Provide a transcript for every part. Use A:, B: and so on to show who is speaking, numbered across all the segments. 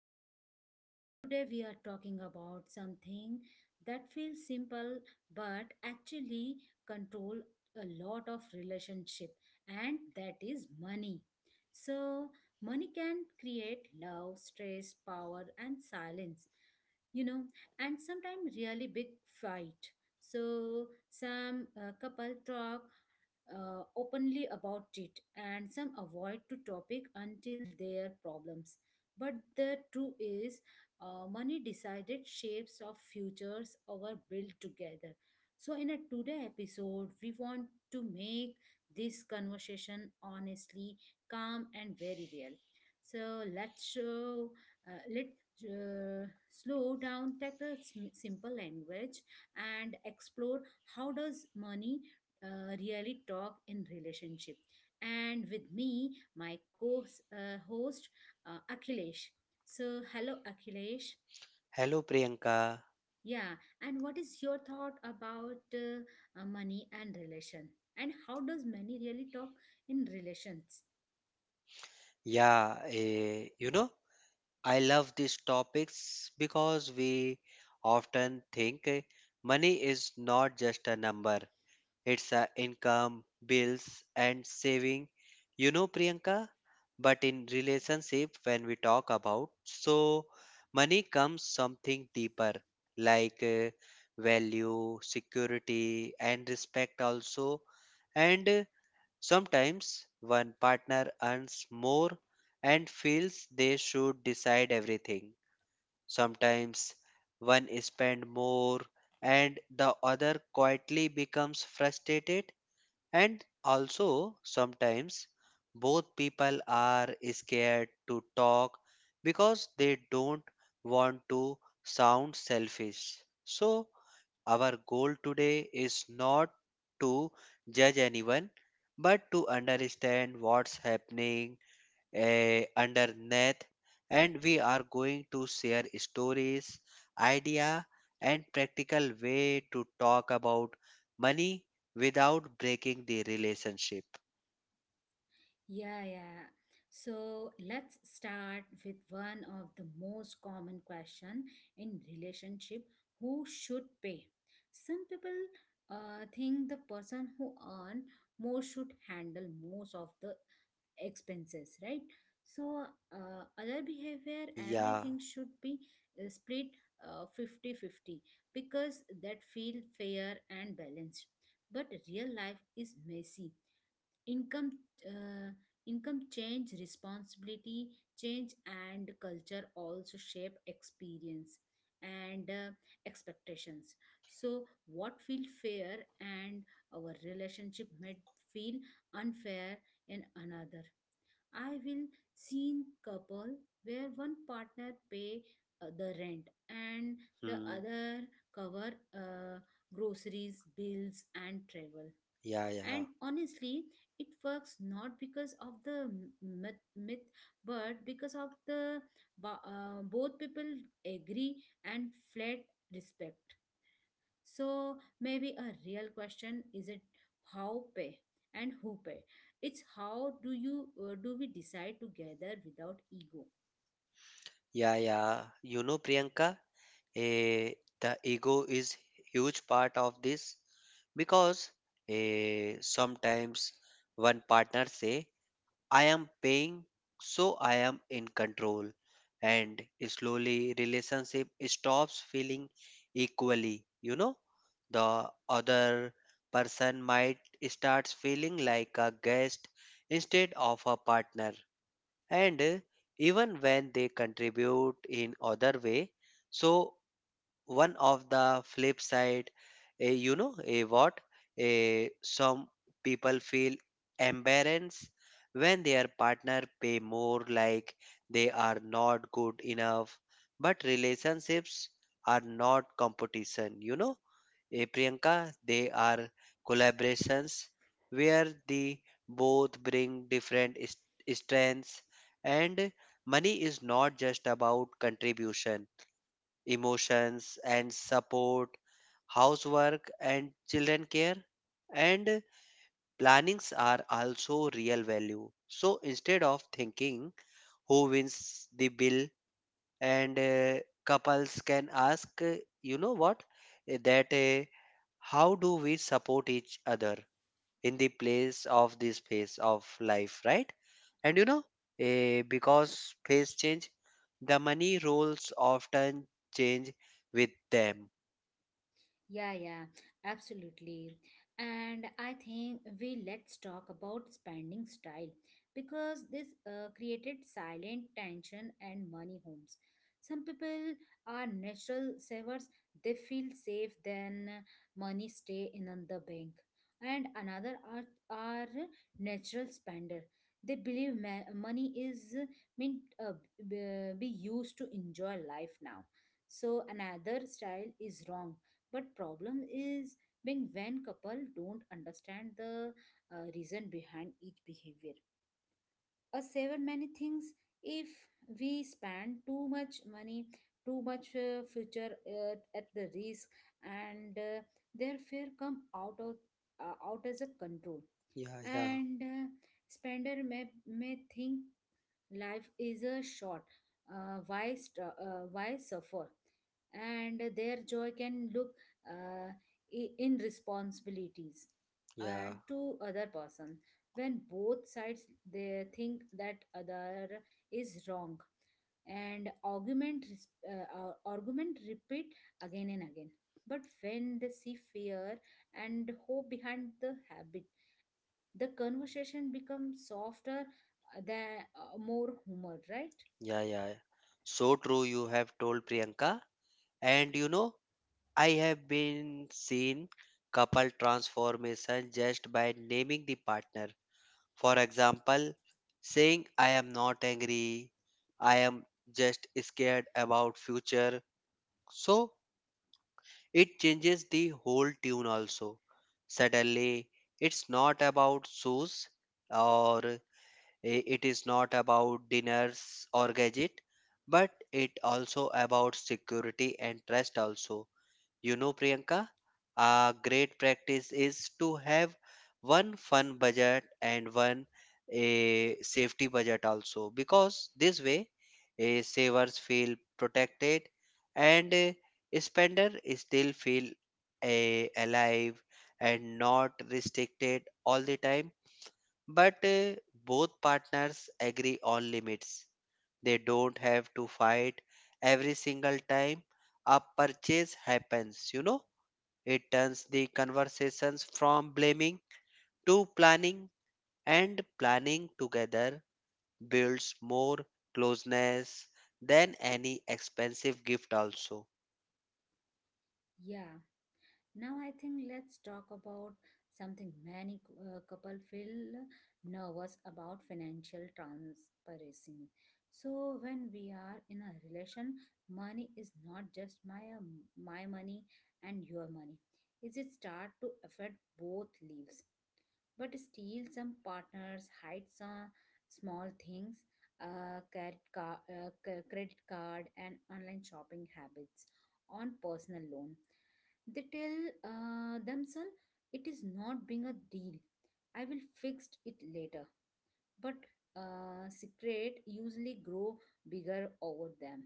A: show. Today we are talking about something that feels simple but actually control a lot of relationship, and that is money. So money can create love, stress, power and silence, you know and sometimes really big fight. So some couple talk openly about it, and some avoid to topic until their problems. But the truth is, money decided shapes of futures our built together. So in a today episode we want to make this conversation honestly, calm and very real. So let's show, let slow down, take a simple language, and explore how does money really talk in relationship. And with me, my co-host, Akhilesh. So, hello, Akhilesh.
B: Hello, Priyanka.
A: Yeah, and what is your thought about money and relation? And how does money really talk in relations?
B: Yeah, you know, I love these topics because we often think money is not just a number, it's a income, bills, and saving. You know, Priyanka, but in relationship, when we talk about, so money comes something deeper like value, security, and respect also. And sometimes one partner earns more and feels they should decide everything. Sometimes one spends more and the other quietly becomes frustrated. And also, sometimes both people are scared to talk because they don't want to sound selfish. So, our goal today is not to judge anyone, but to understand what's happening underneath. And we are going to share stories, idea, and practical way to talk about money without breaking the relationship.
A: Yeah, yeah. So let's start with one of the most common question in relationship. Who should pay? Some people think the person who earn more should handle most of the expenses, right? So, other behavior,
B: Yeah,
A: everything should be split 50-50 because that feel fair and balanced. But real life is messy. Income uh, income change, responsibility change, and culture also shape experience and expectations. So what feel fair and our relationship might feel unfair in another. I will seen couple where one partner pay the rent and the
B: hmm,
A: other cover uh, groceries, bills and travel.
B: yeah, yeah.
A: And honestly it works not because of the myth, but because of the both people agree, and flat respect. So maybe a real question isn't how pay and who pay, it's how do you do we decide together without ego.
B: Yeah, yeah. You know, Priyanka, eh, the ego is huge part of this because sometimes one partner say, "I am paying, so I am in control," and slowly relationship stops feeling equally. You know, the other person might starts feeling like a guest instead of a partner and even when they contribute in other way. So one of the flip side, you know, a what a some people feel embarrassed when their partner pay more, like they are not good enough, but relationships are not competition, you know. Eh, Priyanka, they are collaborations where the both bring different strengths, and money is not just about contribution, emotions and support, housework and children care and plannings are also real value. So instead of thinking who wins the bill and couples can ask, you know what, that how do we support each other in the place of this phase of life, right? And you know, because phase change, the money roles often change with them.
A: Yeah, yeah, absolutely. And I think we let's talk about spending style because this created silent tension and money homes. Some people are natural savers; they feel safe then money stay in on the bank. And another are natural spender. They believe money is meant be used to enjoy life now. So another style is wrong, but problem is being when couple don't understand the reason behind each behavior. A saver many things if we spend too much money, too much future at the risk, and their fear come out of out as a control.
B: Yeah, yeah,
A: And spender may think life is a short. Why suffer? And their joy can look uh, in responsibilities
B: yeah,
A: and to other person. When both sides they think that other is wrong, and argument repeat again and again. But when they see fear and hope behind the habit, the conversation becomes softer than more humor, right?
B: yeah, yeah. So true, you have told, Priyanka. And you know, I have been seen couple transformation just by naming the partner. For example, saying I am not angry, I am just scared about future. So it changes the whole tune also. Suddenly it's not about shoes or it is not about dinners or gadget, but it also about security and trust also. You know, Priyanka, a great practice is to have one fun budget and one a safety budget also, because this way a savers feel protected and a spender still feel a alive and not restricted all the time, but both partners agree on limits. They don't have to fight every single time a purchase happens, you know. It turns the conversations from blaming to planning, and planning together builds more closeness than any expensive gift, also.
A: Yeah. Now I think let's talk about something many couple feel nervous about financial transparency. So when we are in a relation, money is not just my money and your money. It is start to affect both lives, but still some partners hide some small things, credit, credit card and online shopping habits on personal loan. They tell themselves it is not being a deal, I will fix it later. But secret usually grow bigger over them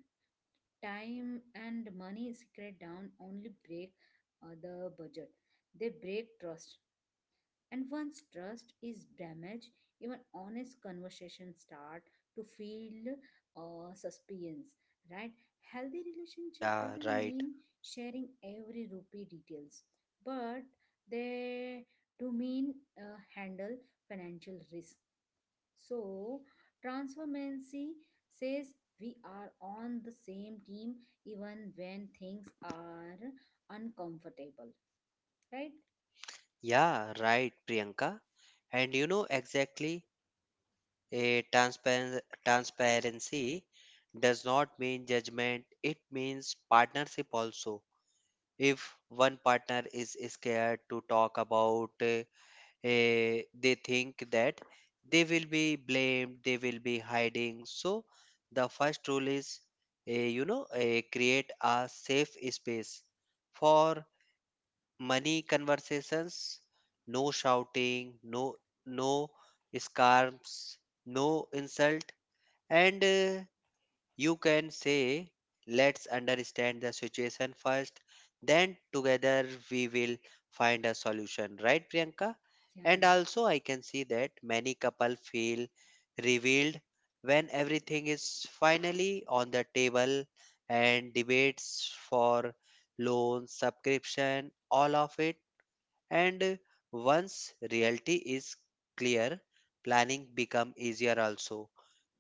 A: time, and money secret down only break the budget. They break trust, and once trust is damaged, even honest conversations start to feel suspense, right? Healthy relationship
B: Yeah,
A: doesn't
B: right.
A: mean sharing every rupee details, but they do mean handle financial risk. So, transformancy says we are on the same team even when things are uncomfortable, right?
B: Yeah, right, Priyanka. And you know exactly, a transparency does not mean judgment, it means partnership also. If one partner is scared to talk about, they think that they will be blamed, they will be hiding. So, the first rule is, you know, create a safe space for money conversations, no shouting, no no scarves, no insult, and you can say, let's understand the situation first, then together we will find a solution, right, Priyanka?
A: Yeah,
B: And
A: yeah,
B: also, I can see that many couple feel revealed when everything is finally on the table and debates for loan, subscription, all of it. And once reality is clear, planning become easier also,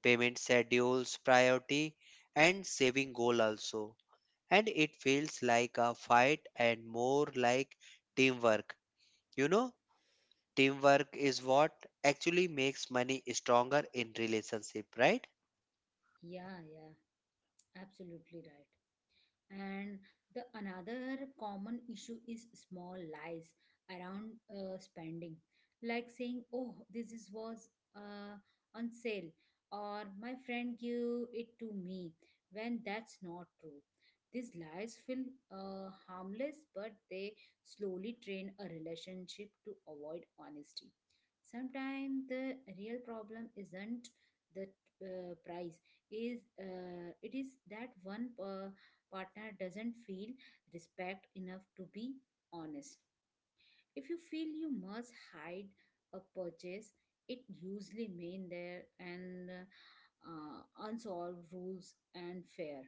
B: payment schedules, priority, and saving goal also. And it feels like a fight and more like teamwork. You know, teamwork is what actually makes money stronger in relationship, right?
A: yeah, yeah, absolutely right. And the another common issue is small lies around spending, like saying, "Oh, this is was uh, on sale," or, "My friend gave it to me," when that's not true. These lies feel harmless, but they slowly train a relationship to avoid honesty. Sometimes the real problem isn't the price, is it is that one partner doesn't feel respect enough to be honest. If you feel you must hide a purchase, it usually mean there and unsolved rules and fair.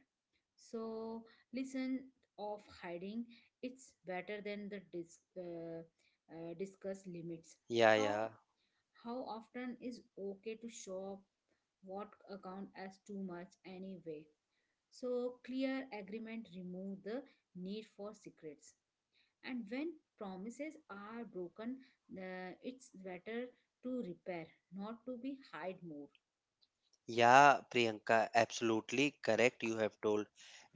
A: So listen of hiding, it's better than the discuss limits.
B: Yeah, yeah.
A: How how often is okay to show up, what account as too much anyway? So clear agreement remove the need for secrets. And when promises are broken, it's better to repair, not to be hide more.
B: Yeah, Priyanka, absolutely correct. You have told.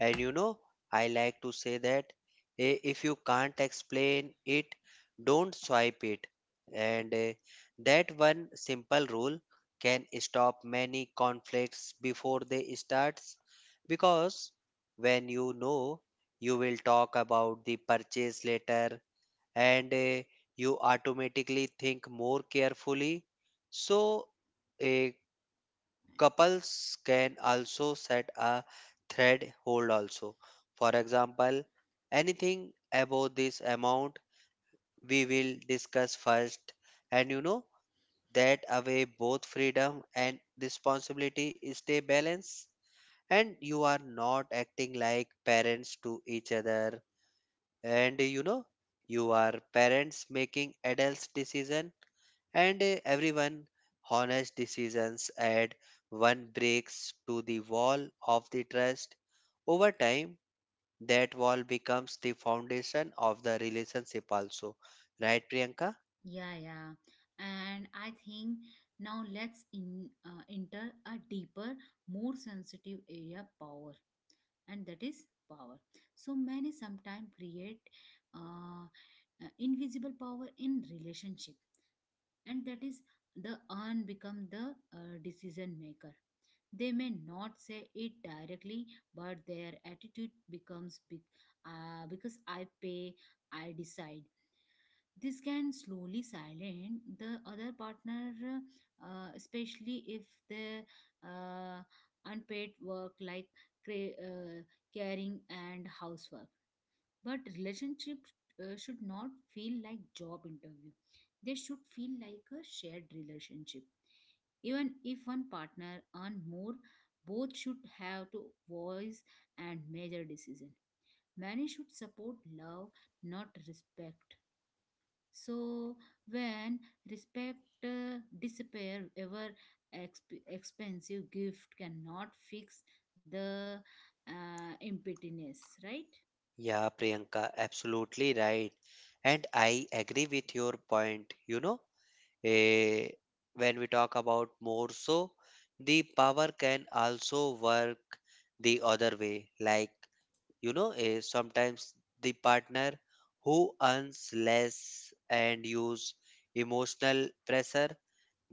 B: And you know, I like to say that, if you can't explain it, don't swipe it. And that one simple rule can stop many conflicts before they starts, because when you know you will talk about the purchase later, and you automatically think more carefully. So, eh, couples can also set a thread hold, also. For example, anything above this amount we will discuss first. And you know, that away both freedom and responsibility stay balanced, and you are not acting like parents to each other. And you know, you are parents making adults decision, and everyone honest decisions add one breaks to the wall of the trust. Over time that wall becomes the foundation of the relationship also, right, Priyanka?
A: Yeah, yeah. And I think now let's in enter a deeper, more sensitive area, power, and that is power. So many sometimes create uh, invisible power in relationship, and that is the urn become the decision maker. They may not say it directly, but their attitude becomes big, because I pay, I decide. This can slowly silence the other partner, especially if the uh, unpaid work like cra- uh, caring and housework. But relationships should not feel like job interview. They should feel like a shared relationship. Even if one partner earn more, both should have to voice and major decision. Marriage should support love, not respect. So when respect disappear, ever expensive gift cannot fix the emptiness, right?
B: Yeah, Priyanka, absolutely right. And I agree with your point, you know. Eh, when we talk about more, so the power can also work the other way, like, you know, is sometimes the partner who earns less and use emotional pressure,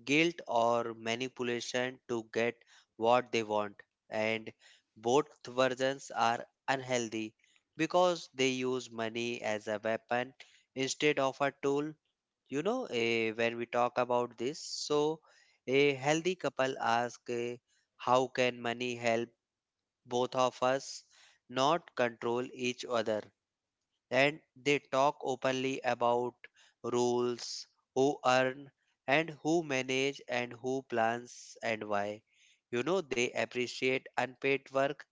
B: guilt or manipulation to get what they want. And both versions are unhealthy because they use money as a weapon instead of a tool. You know, when we talk about this, so a healthy couple ask, how can money help both of us, not control each other? And they talk openly about rules, who earn and who manage and who plans and why. You know, they appreciate unpaid work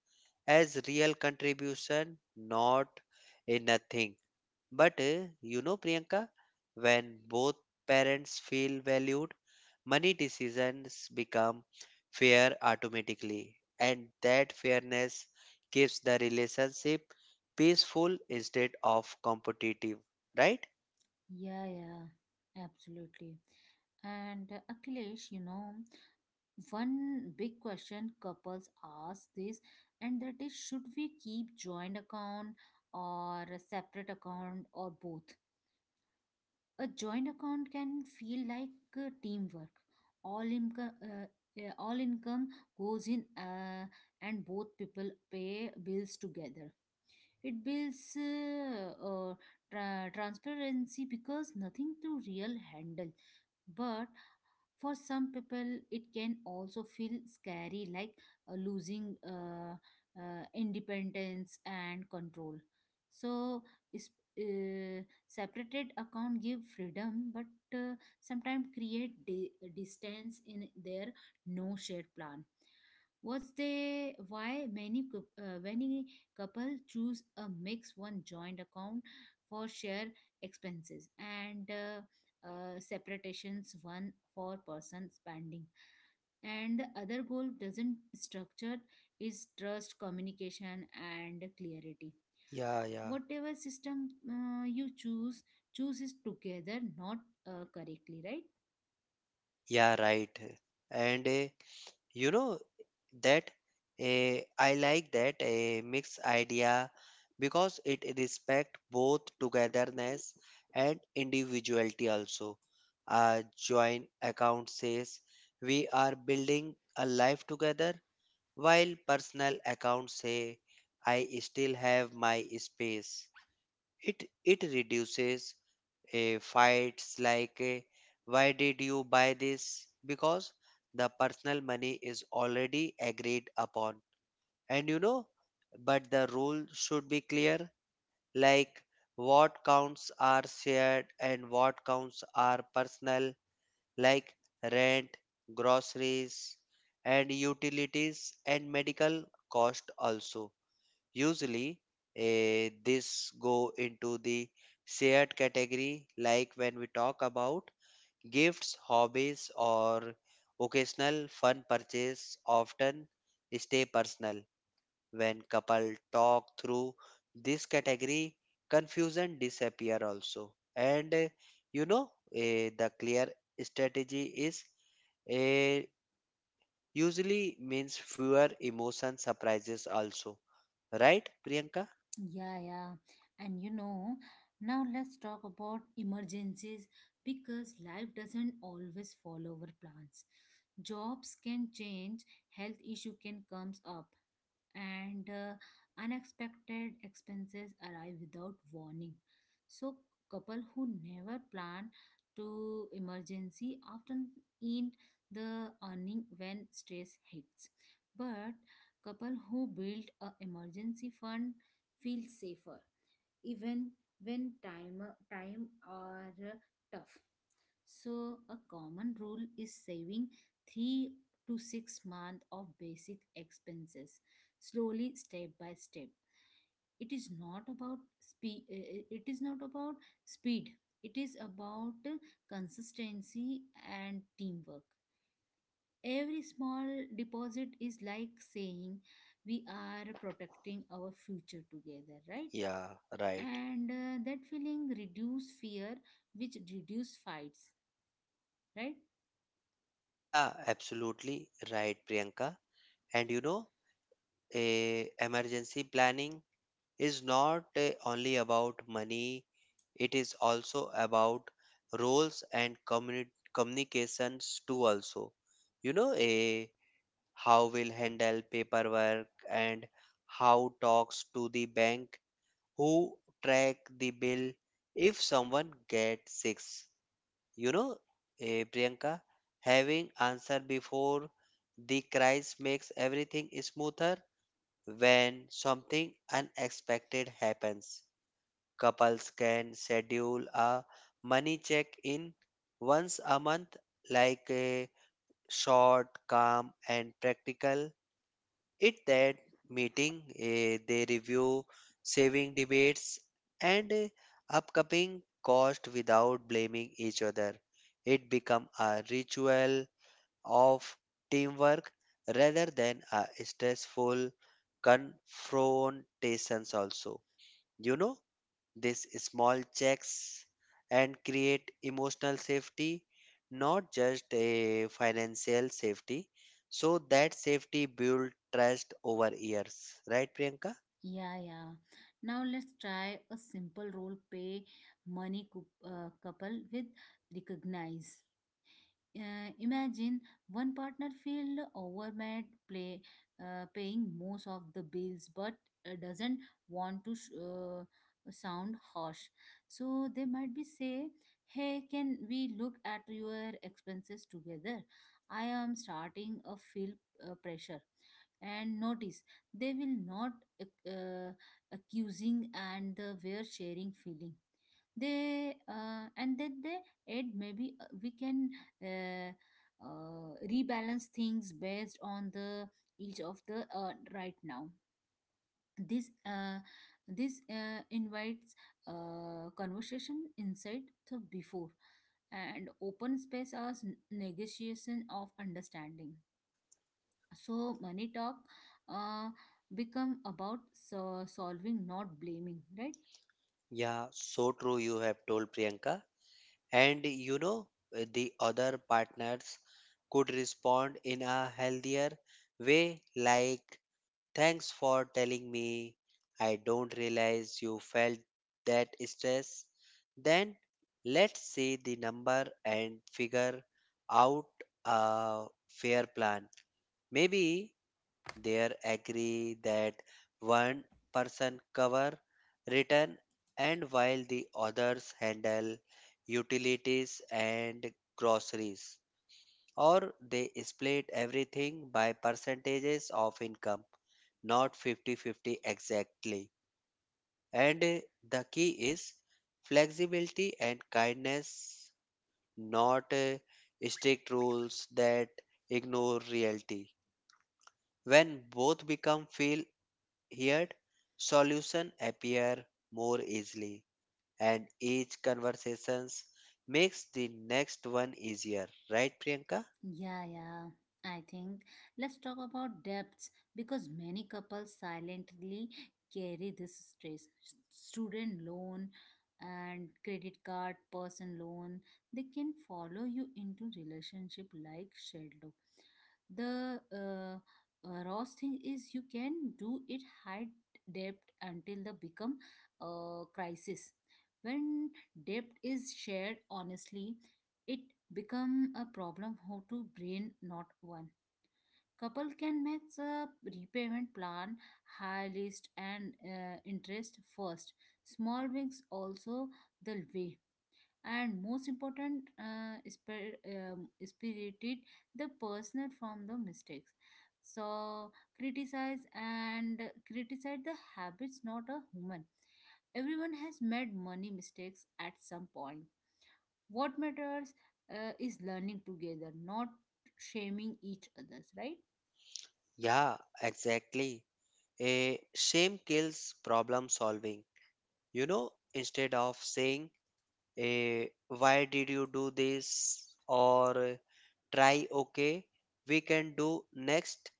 B: as real contribution, not a nothing. But you know, Priyanka, when both parents feel valued, money decisions become fair automatically, and that fairness keeps the relationship peaceful instead of competitive, right?
A: Yeah, yeah, absolutely. And Akhilesh, one big question couples ask this, and that is should we keep joint account, or a separate account, or both? A joint account can feel like teamwork. All income, uh, yeah, all income goes in, and both people pay bills together, it builds transparency because nothing to real handle. But for some people, it can also feel scary, like losing independence and control. So, is, separated account give freedom, but uh, sometimes create distance in their no shared plan. Was the why many couple choose a mix, one joint account for share expenses and separations one for person spending. And the other goal doesn't structure is trust, communication and clarity.
B: Yeah, yeah.
A: Whatever system you choose is together, not correctly, right?
B: Yeah, right. And you know that, I like that a mixed idea because it respect both togetherness and individuality also. A joint account says we are building a life together, while personal accounts say I still have my space. It reduces a fights like, why did you buy this? Because the personal money is already agreed upon. And you know, but the rule should be clear, like what counts are shared and what counts are personal, like rent, groceries, and utilities and medical cost also. Usually, this go into the shared category, like when we talk about gifts, hobbies, or occasional fun purchase. Often, stay personal. When couple talk through this category, confusion disappear also. And you know, the clear strategy is, eh, usually means fewer emotion surprises also, right, Priyanka?
A: Yeah, yeah. And now let's talk about emergencies because life doesn't always follow our plans. Jobs can change, health issue can comes up, and unexpected expenses arrive without warning. So, couple who never plan to emergency often end the earning when stress hits. But couple who build a emergency fund feel safer, even when time are tough. So a common rule is saving 3 to 6 months of basic expenses, slowly step by step. It is not about speed, it is about consistency and teamwork. Every small deposit is like saying we are protecting our future together, right?
B: Yeah, right.
A: And that feeling reduce fear, which reduce fights, right?
B: Yeah, absolutely right, Priyanka. And you know, a emergency planning is not, only about money, it is also about roles and communications too also. You know, a how will handle paperwork and how talks to the bank, who track the bill if someone gets sick. You know, Priyanka, having answer before the crisis makes everything smoother. When something unexpected happens, couples can schedule a money check-in once a month, like a short, calm, and practical. It that meeting, they review saving debates and upcoming cost without blaming each other. It become a ritual of teamwork rather than a stressful confrontations also. You know? These small checks and create emotional safety, not just a financial safety. So that safety build trust over years, right, Priyanka?
A: Yeah, yeah. Now let's try a simple role play, money couple with recognize. Imagine one partner feel overwhelmed, play paying most of the bills, but doesn't want to sound harsh. So they might be say, "Hey, can we look at your expenses together? I am starting a feel pressure." And notice they will not uh, accusing, and the were sharing feeling. They And then they add, maybe we can uh, rebalance things based on the each of the right now. This this invites conversation inside the before, and open space as negotiation of understanding. So money talk uh, become about solving, not blaming, right?
B: Yeah, so true. You have told, Priyanka. And you know, the other partners could respond in a healthier way, like, thanks for telling me. I don't realize you felt that stress. Then let's see the number and figure out a fair plan. Maybe they agree that one person cover return and while the others handle utilities and groceries, or they split everything by percentages of income, not 50-50 exactly. And the key is flexibility and kindness, not strict rules that ignore reality. When both become feel heard, solution appear more easily, and each conversations makes the next one easier. Right, Priyanka?
A: Yeah, yeah. I think let's talk about debts because many couples silently carry this stress. Student loan and credit card, person loan, they can follow you into relationship like shadow. The raw thing is you can do it high debt until the become a crisis. When debt is shared honestly, it become a problem how to brain not one. Couple can make a repayment plan, high list and interest first, small wings also the way. And most important, spirited the personal from the mistakes. So criticize and criticize the habits, not a human. Everyone has made money mistakes at some point. What matters is learning together, not shaming each others, right?
B: Yeah, exactly. A shame kills problem solving. You know, instead of saying, a, why did you do this? Or try okay, we can do next.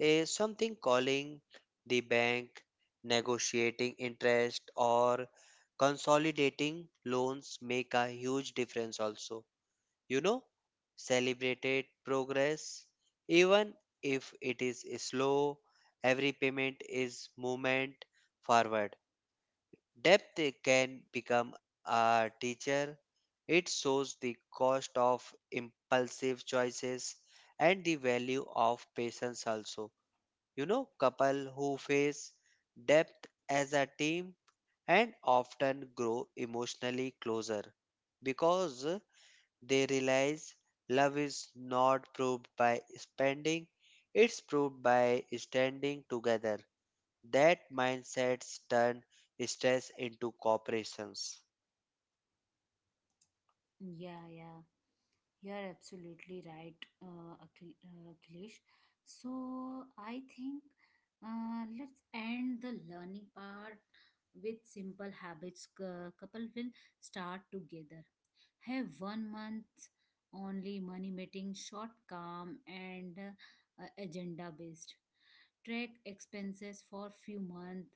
B: A, something calling the bank, negotiating interest, or consolidating loans make a huge difference also. You know, celebrated progress, even if it is slow, every payment is movement forward. Depth can become a teacher. It shows the cost of impulsive choices and the value of patience also. You know, couple who face depth as a team and often grow emotionally closer because they realize love is not proved by spending, it's proved by standing together. That mindsets turn stress into cooperations.
A: Yeah, yeah, you're absolutely right, Akhilesh. So I think let's end the learning part with simple habits. Couple will start together. Have 1 month only money meeting, short, calm and agenda based, track expenses for few months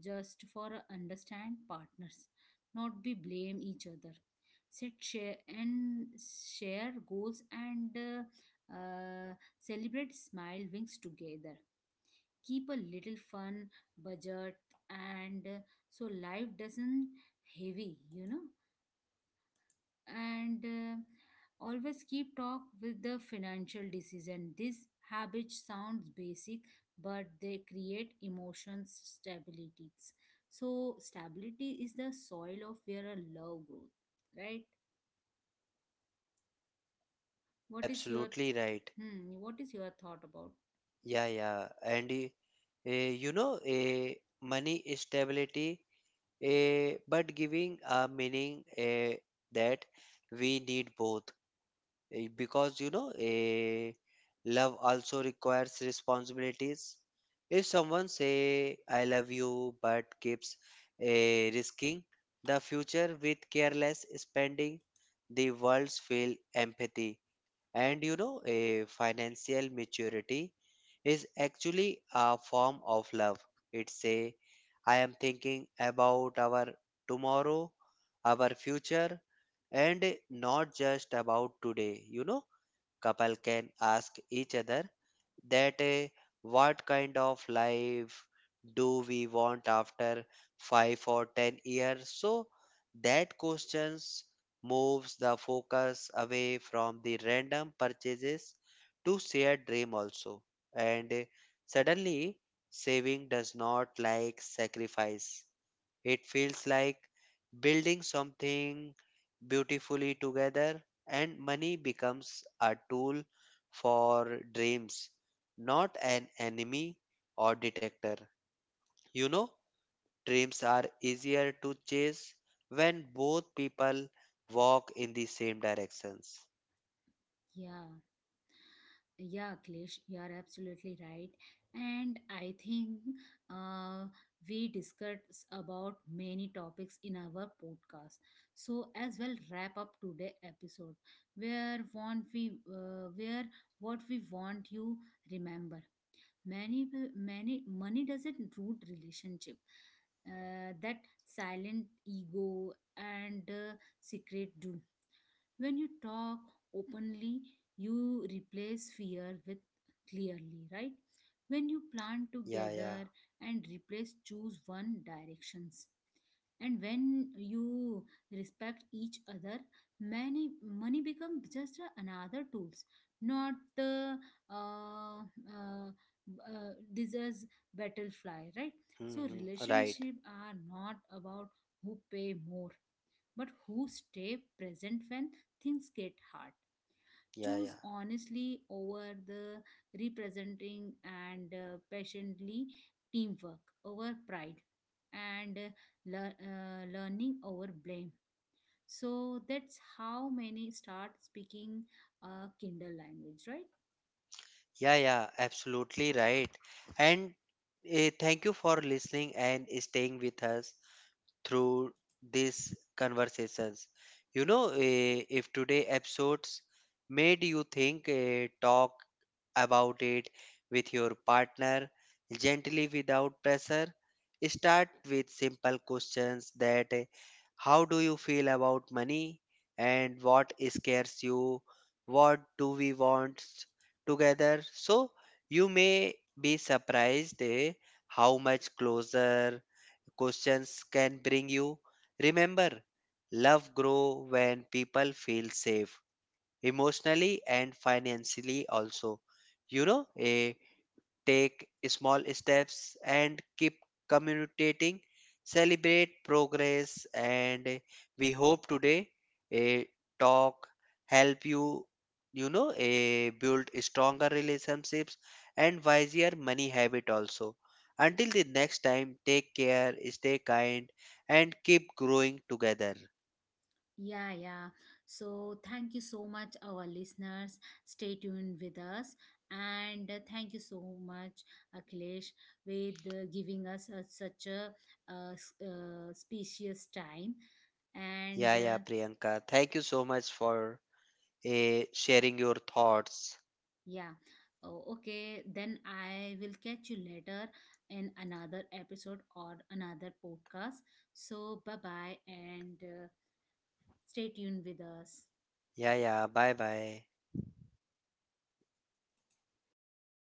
A: just for understand partners, not be blame each other, set share and share goals, and celebrate smile wings together. Keep a little fun budget, and so life doesn't heavy, and always keep talk with the financial decision. This habit sounds basic, but they create emotions stabilities. So stability is the soil of where a love growth, right?
B: Yeah,
A: what is your
B: absolutely right.
A: hmm, what is your thought about?
B: Yeah, yeah. And you know, money is stability, but giving a meaning, that we need both. Eh, because you know a love also requires responsibilities. If someone say I love you but keeps risking the future with careless spending, the world's feel empathy. And you know, a financial maturity is actually a form of love. It's a I am thinking about our tomorrow, our future, and not just about today. You know, couple can ask each other that, what kind of life do we want after 5 or 10 years? So that questions moves the focus away from the random purchases to shared dream also. And suddenly saving does not like sacrifice, it feels like building something beautifully together, and money becomes a tool for dreams, not an enemy or detector. You know, dreams are easier to chase when both people walk in the same directions.
A: Yeah. Yeah, Klish, you are absolutely right. And I think uh, we discussed about many topics in our podcast. So as well, wrap up today episode, where what we want you remember. Many money doesn't root relationship. That silent ego and secret do. When you talk openly, you replace fear with clearly, right? When you plan
B: Yeah, yeah.
A: together and replace, choose one directions. And when you respect each other, many money become just another tools, not the uh, disease battlefly, right? So
B: Hmm. Right.
A: relationship are not about who pay more, but who stay present when things get hard.
B: Yeah,
A: Choose
B: yeah.
A: honestly over the representing, and patiently teamwork over pride, and learning over blame. So that's how many start speaking a Kindle language, right?
B: Yeah, yeah. Absolutely right. And thank you for listening and staying with us through these conversations. You know, if today episodes made you think, talk about it with your partner gently without pressure. Start with simple questions that, how do you feel about money and what scares you? What do we want together? So you may be surprised, how much closer questions can bring you. Remember, love grow when people feel safe emotionally and financially also. You know, a take small steps and keep communicating. Celebrate progress, and we hope today a talk help you, you know, a build stronger relationships and wiser money habit also. Until the next time, take care, stay kind, and keep growing together.
A: Yeah, yeah. So, thank you so much, our listeners. Stay tuned with us. And thank you so much, Akhilesh, with giving us such a spacious time. And
B: Yeah, yeah, Priyanka. Thank you so much for sharing your thoughts.
A: yeah, oh, okay, then I will catch you later in another episode or another podcast. So, bye bye, and stay tuned with us.
B: Yeah, yeah. Bye bye.